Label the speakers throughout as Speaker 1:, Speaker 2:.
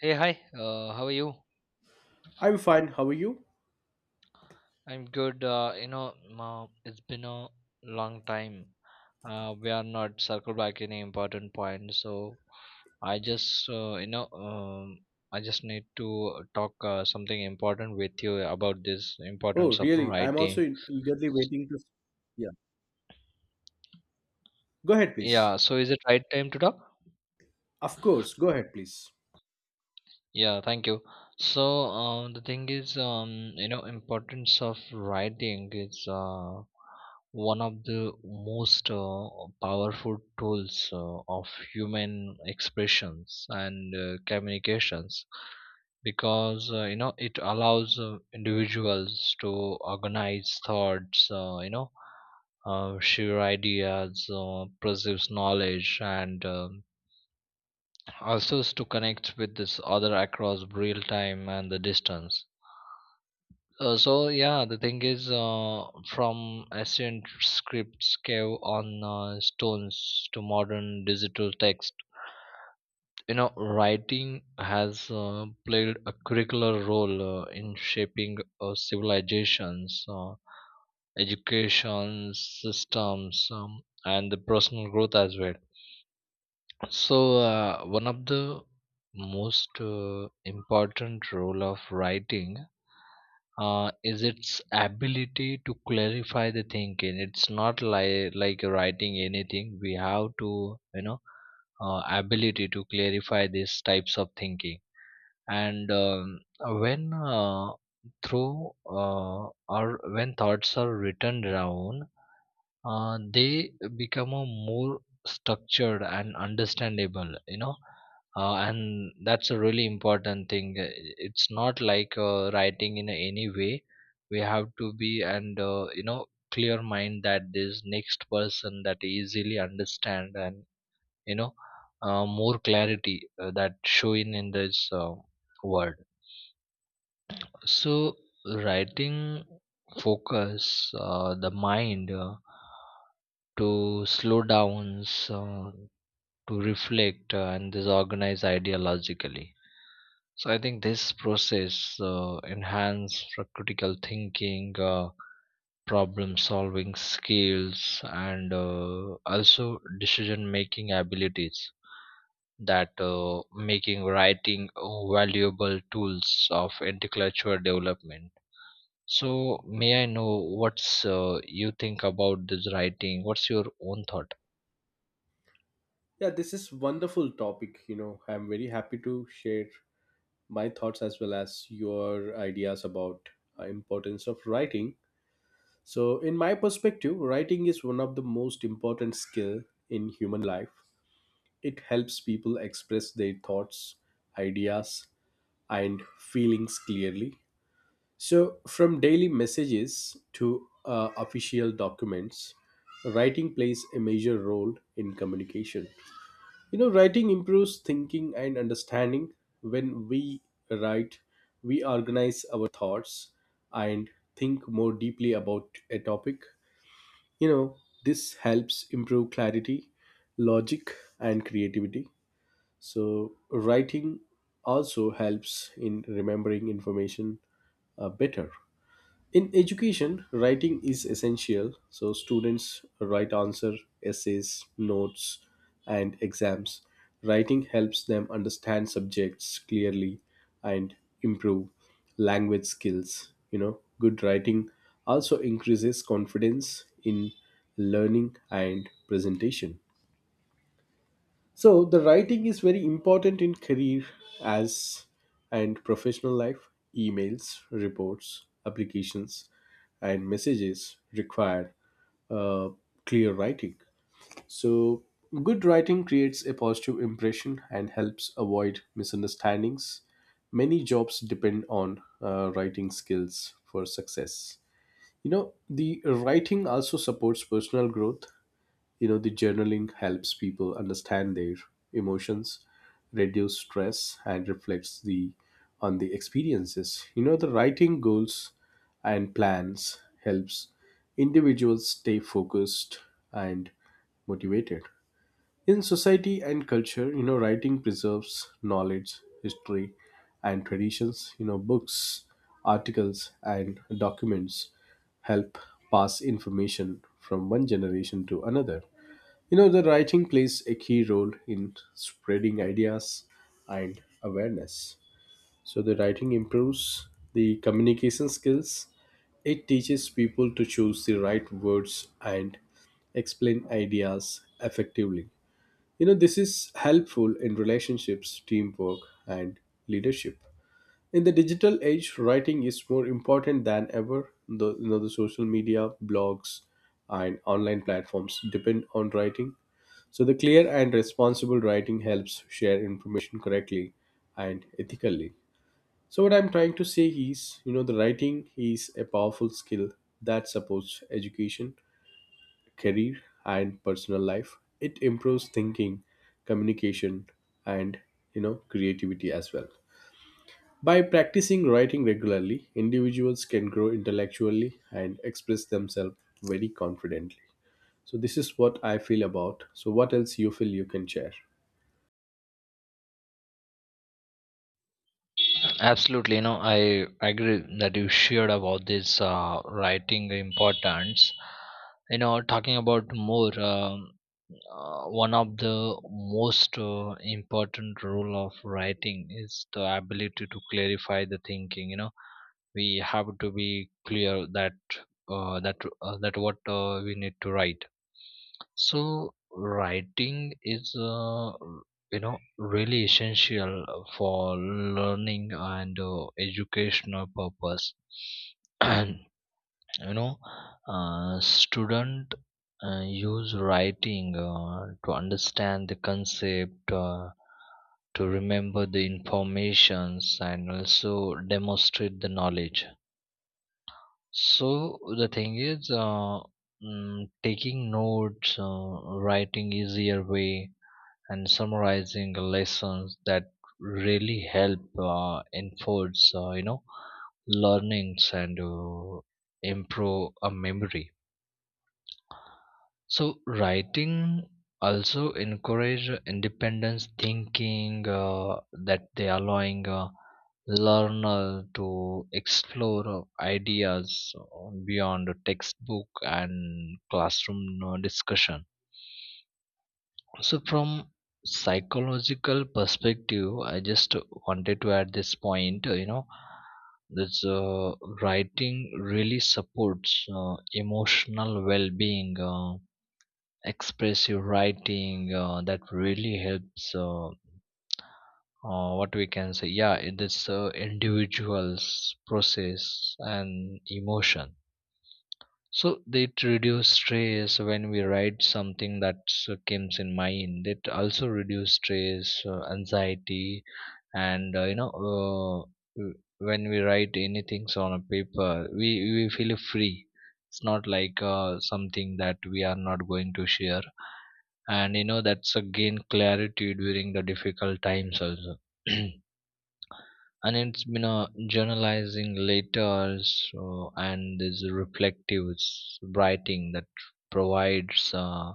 Speaker 1: Hey, hi. How are you?
Speaker 2: I'm fine. How are you?
Speaker 1: I'm good. It's been a long time. We are not circle back any important point. So I just, I just need to talk something important with you about this
Speaker 2: Oh,
Speaker 1: importance of
Speaker 2: really?
Speaker 1: writing.
Speaker 2: Eagerly waiting to. Yeah. Go ahead, please.
Speaker 1: Yeah. So is it right time to talk?
Speaker 2: Of course. Go ahead, please.
Speaker 1: Yeah, thank you. So, the thing is, you know, importance of writing is one of the most powerful tools of human expressions and communications because you know it allows individuals to organize thoughts, share ideas, preserves knowledge, and also is to connect with this other across real time and the distance so yeah the thing is, from ancient scripts carved on stones to modern digital text. You know, writing has played a curricular role in shaping civilizations, education systems, and the personal growth as well. So, one of the most important role of writing is its ability to clarify the thinking. It's not like writing anything. We have to, you know, ability to clarify these types of thinking. And when through or when thoughts are written down, they become a more structured and understandable. You know, and that's a really important thing. It's not like writing in any way, we have to be, and you know, clear mind that this next person that easily understand. And you know, more clarity that showing in this word. So writing focus the mind to slow down, so to reflect, and this organize ideologically. So I think this process enhance for critical thinking, problem solving skills, and also decision making abilities, that making writing valuable tools of intellectual development. So may I know what's you think about this writing? What's your own thought?
Speaker 2: Yeah, this is wonderful topic. You know, I'm very happy to share my thoughts as well as your ideas about importance of writing. So, in my perspective, writing is one of the most important skill in human life. It helps people express their thoughts, ideas, and feelings clearly. So, from daily messages to official documents, writing plays a major role in communication. You know, writing improves thinking and understanding. When we write, we organize our thoughts and think more deeply about a topic. You know, this helps improve clarity, logic, and creativity. So, writing also helps in remembering information better. In education, writing is essential, so students write answer, essays, notes, and exams. Writing helps them understand subjects clearly and improve language skills. You know, good writing also increases confidence in learning and presentation. So the writing is very important in career as and professional life. Emails, reports, applications, and messages require uh, clear writing. So good writing creates a positive impression and helps avoid misunderstandings. Many jobs depend on writing skills for success. You know, the writing also supports personal growth. You know, the journaling helps people understand their emotions, reduce stress, and reflects the on the experiences. You know, the writing goals and plans helps individuals stay focused and motivated. In society and culture, you know, writing preserves knowledge, history, and traditions. You know, books, articles, and documents help pass information from one generation to another. You know, the writing plays a key role in spreading ideas and awareness. So, the writing improves the communication skills. It teaches people to choose the right words and explain ideas effectively. You know, this is helpful in relationships, teamwork, and leadership. In the digital age, writing is more important than ever. The, you know, the social media, blogs, and online platforms depend on writing. So, the clear and responsible writing helps share information correctly and ethically. So, what I'm trying to say is, you know, the writing is a powerful skill that supports education, career, and personal life. It improves thinking, communication, and, you know, creativity as well. By practicing writing regularly, individuals can grow intellectually and express themselves very confidently. So this is what I feel about. So what else you feel you can share?
Speaker 1: Absolutely, you know, I agree that you shared about this writing importance. You know, talking about more, one of the most important role of writing is the ability to clarify the thinking. You know, we have to be clear that that what we need to write. So writing is, you know, really essential for learning and educational purpose. And you know, student use writing to understand the concept, to remember the informations, and also demonstrate the knowledge. So the thing is, taking notes, writing easier way, and summarizing lessons that really help enforce, learnings and improve a memory. So writing also encourage independence thinking, that they allowing a learner to explore ideas beyond the textbook and classroom discussion. So from psychological perspective, I just wanted to add this point. You know, this writing really supports emotional well-being. Expressive writing that really helps what we can say, yeah, it is individuals process and emotion. So it reduce stress. When we write something that comes in mind, it also reduce stress, anxiety, and w- when we write anything on a paper, we feel free. It's not like something that we are not going to share. And you know, that's a gain clarity during the difficult times also. And it's been a journalizing later. So and this writing that provides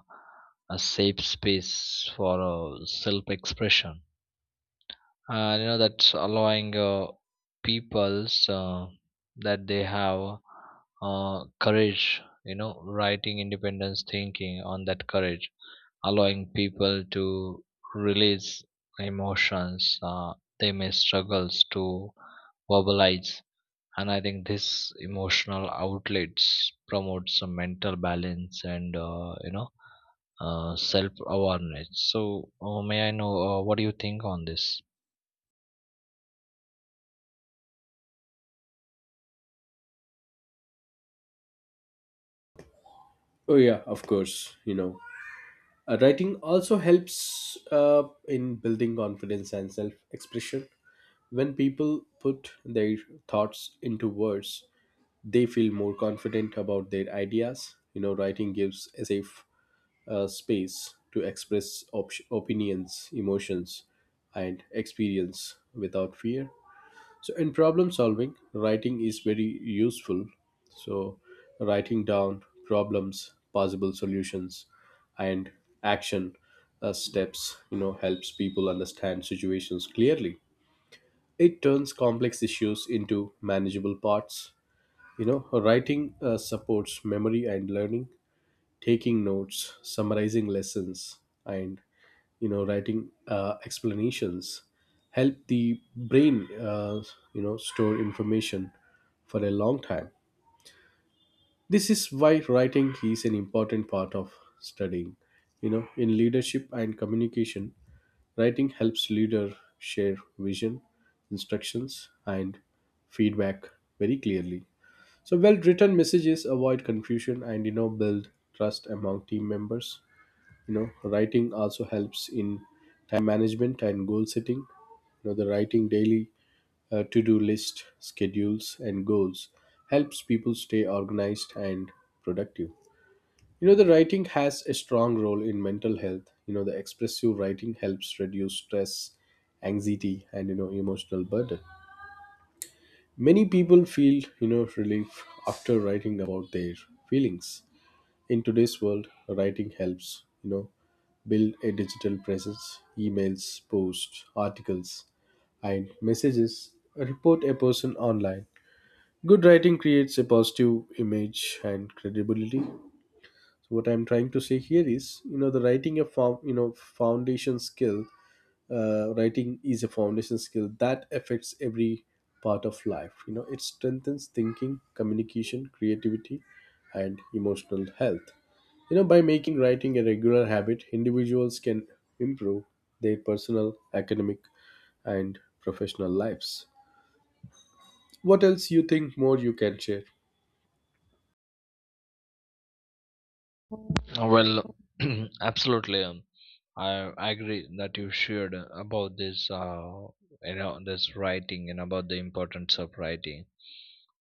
Speaker 1: a safe space for self expression. And you know, that's allowing people's, that they have courage. You know, writing independence thinking on that courage allowing people to release emotions, uh, they may struggles to verbalize. And I think this emotional outlets promotes a mental balance and, self awareness. So May I know what do you think on this?
Speaker 2: Oh yeah, of course. You know, writing also helps in building confidence and self-expression. When people put their thoughts into words, they feel more confident about their ideas. You know, writing gives a safe space to express opinions, emotions, and experience without fear. So, in problem solving, writing is very useful. So, writing down problems, possible solutions, and action steps, you know, helps people understand situations clearly. It turns complex issues into manageable parts. You know, writing supports memory and learning, taking notes, summarizing lessons, and, you know, writing explanations help the brain you know store information for a long time. This is why writing is an important part of studying. You know, in leadership and communication, writing helps leader share vision, instructions, and feedback very clearly. So, well-written messages avoid confusion and, you know, build trust among team members. You know, writing also helps in time management and goal setting. You know, the writing daily to-do list, schedules, and goals helps people stay organized and productive. You know, the writing has a strong role in mental health. You know, the expressive writing helps reduce stress, anxiety, and, you know, emotional burden. Many people feel, you know, relief after writing about their feelings. In today's world, writing helps, you know, build a digital presence. Emails, posts, articles, and messages report a person online. Good writing creates a positive image and credibility. So what I'm trying to say here is, you know, the writing a found, you know, foundation skill. Writing is a foundation skill that affects every part of life. You know, it strengthens thinking, communication, creativity, and emotional health. You know, by making writing a regular habit, individuals can improve their personal, academic, and professional lives. What else you think more you can share?
Speaker 1: Well, absolutely, I, I agree that you shared about this, you know, this writing and about the importance of writing.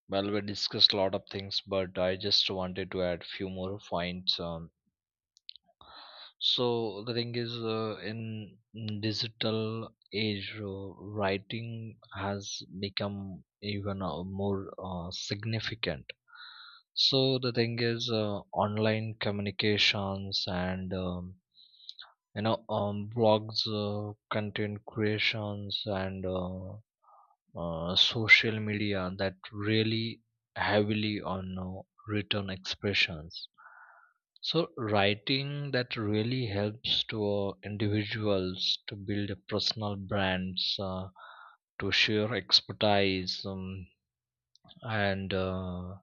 Speaker 1: Well, we discussed a lot of things, but I just wanted to add few more points on. So the thing is, in digital age, writing has become even more significant. So the thing is, online communications and, blogs, content creations, and social media that really heavily on written expressions. So writing that really helps to individuals to build a personal brands, to share expertise, and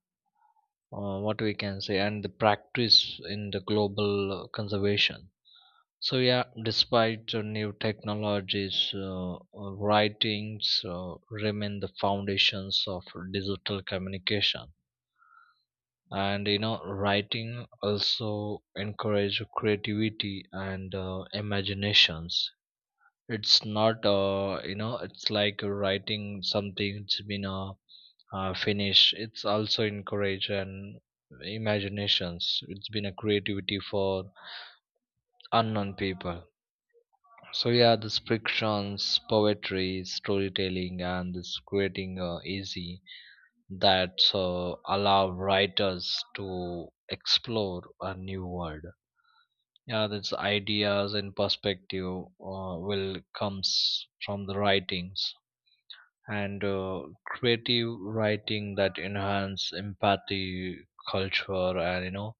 Speaker 1: what we can say, and the practice in the global conservation. So yeah, despite new technologies, writings remain the foundations of digital communication. And you know, writing also encourage creativity and imaginations. It's not, you know, it's like writing something it's been finished. It's also encourage and imaginations. It's been a creativity for unknown people. So yeah, this frictions, poetry, storytelling, and this creating easy that allow writers to explore a new world. Yeah, that's ideas and perspective will comes from the writings. And creative writing that enhance empathy, culture, and you know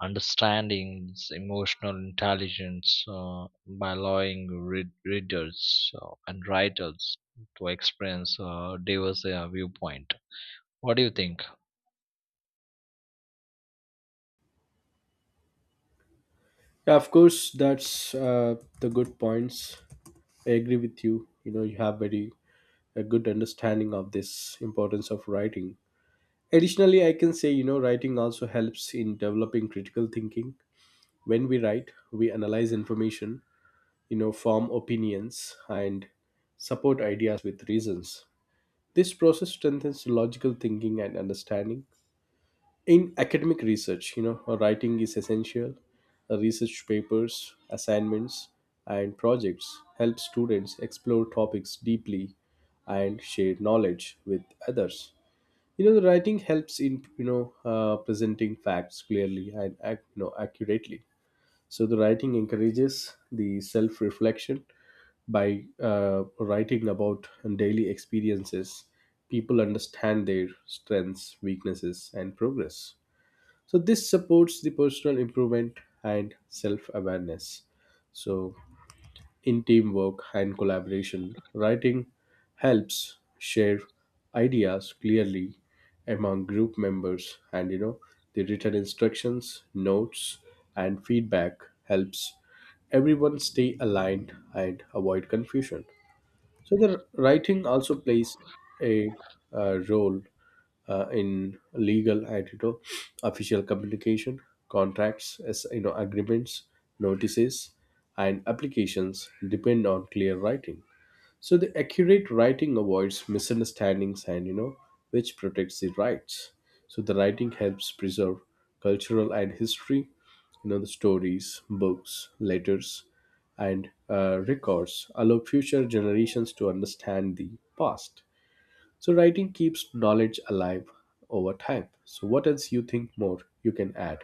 Speaker 1: understanding this emotional intelligence, by allowing readers and writers to experience diverse viewpoint. What do you think?
Speaker 2: Yeah, of course, that's the good points. I agree with you. You know, you have very a good understanding of this importance of writing. Additionally, I can say, you know, writing also helps in developing critical thinking. When we write, we analyze information, you know, form opinions, and support ideas with reasons. This process strengthens logical thinking and understanding. In academic research, you know, writing is essential. Research papers, assignments, and projects help students explore topics deeply and share knowledge with others. You know, the writing helps in, you know, presenting facts clearly and you know accurately. So the writing encourages the self reflection by uh, writing about daily experiences. People understand their strengths, weaknesses, and progress. So this supports the personal improvement and self awareness. So in teamwork and collaboration, writing helps share ideas clearly among group members. And, you know, the written instructions, notes, and feedback helps everyone stay aligned and avoid confusion. So the writing also plays a role in legal and, you know, official communication. Contracts, as you know, agreements, notices, and applications depend on clear writing. So the accurate writing avoids misunderstandings and, you know, which protects the rights. So the writing helps preserve cultural and history. You know, the stories, books, letters, and records allow future generations to understand the past. So writing keeps knowledge alive over time. So what else you think more you can add?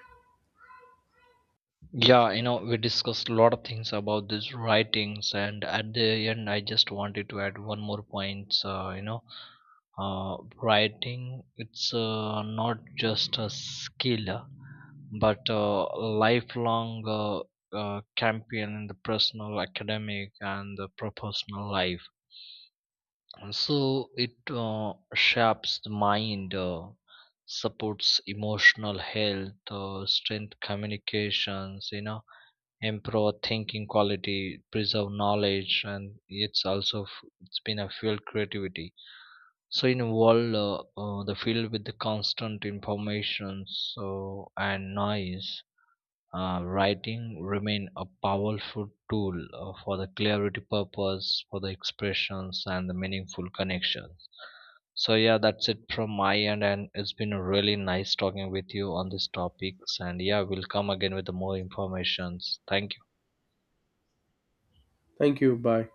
Speaker 1: Yeah, you know, we discussed a lot of things about these writings, and at the end I just wanted to add one more point. Uh, writing it's, not just a skill, but lifelong champion in the personal, academic, and the professional life. And so it shapes the mind, supports emotional health, strength communications, you know, improve thinking quality, preserve knowledge, and it's also it's been a fuel creativity. So in a world, the field with the constant information, so and noise, writing remain a powerful tool for the clarity purpose, for the expressions and the meaningful connections. So yeah, that's it from my end, and it's been really nice talking with you on these topics, and yeah, we'll come again with the more informations. Thank
Speaker 2: Thank you. Bye.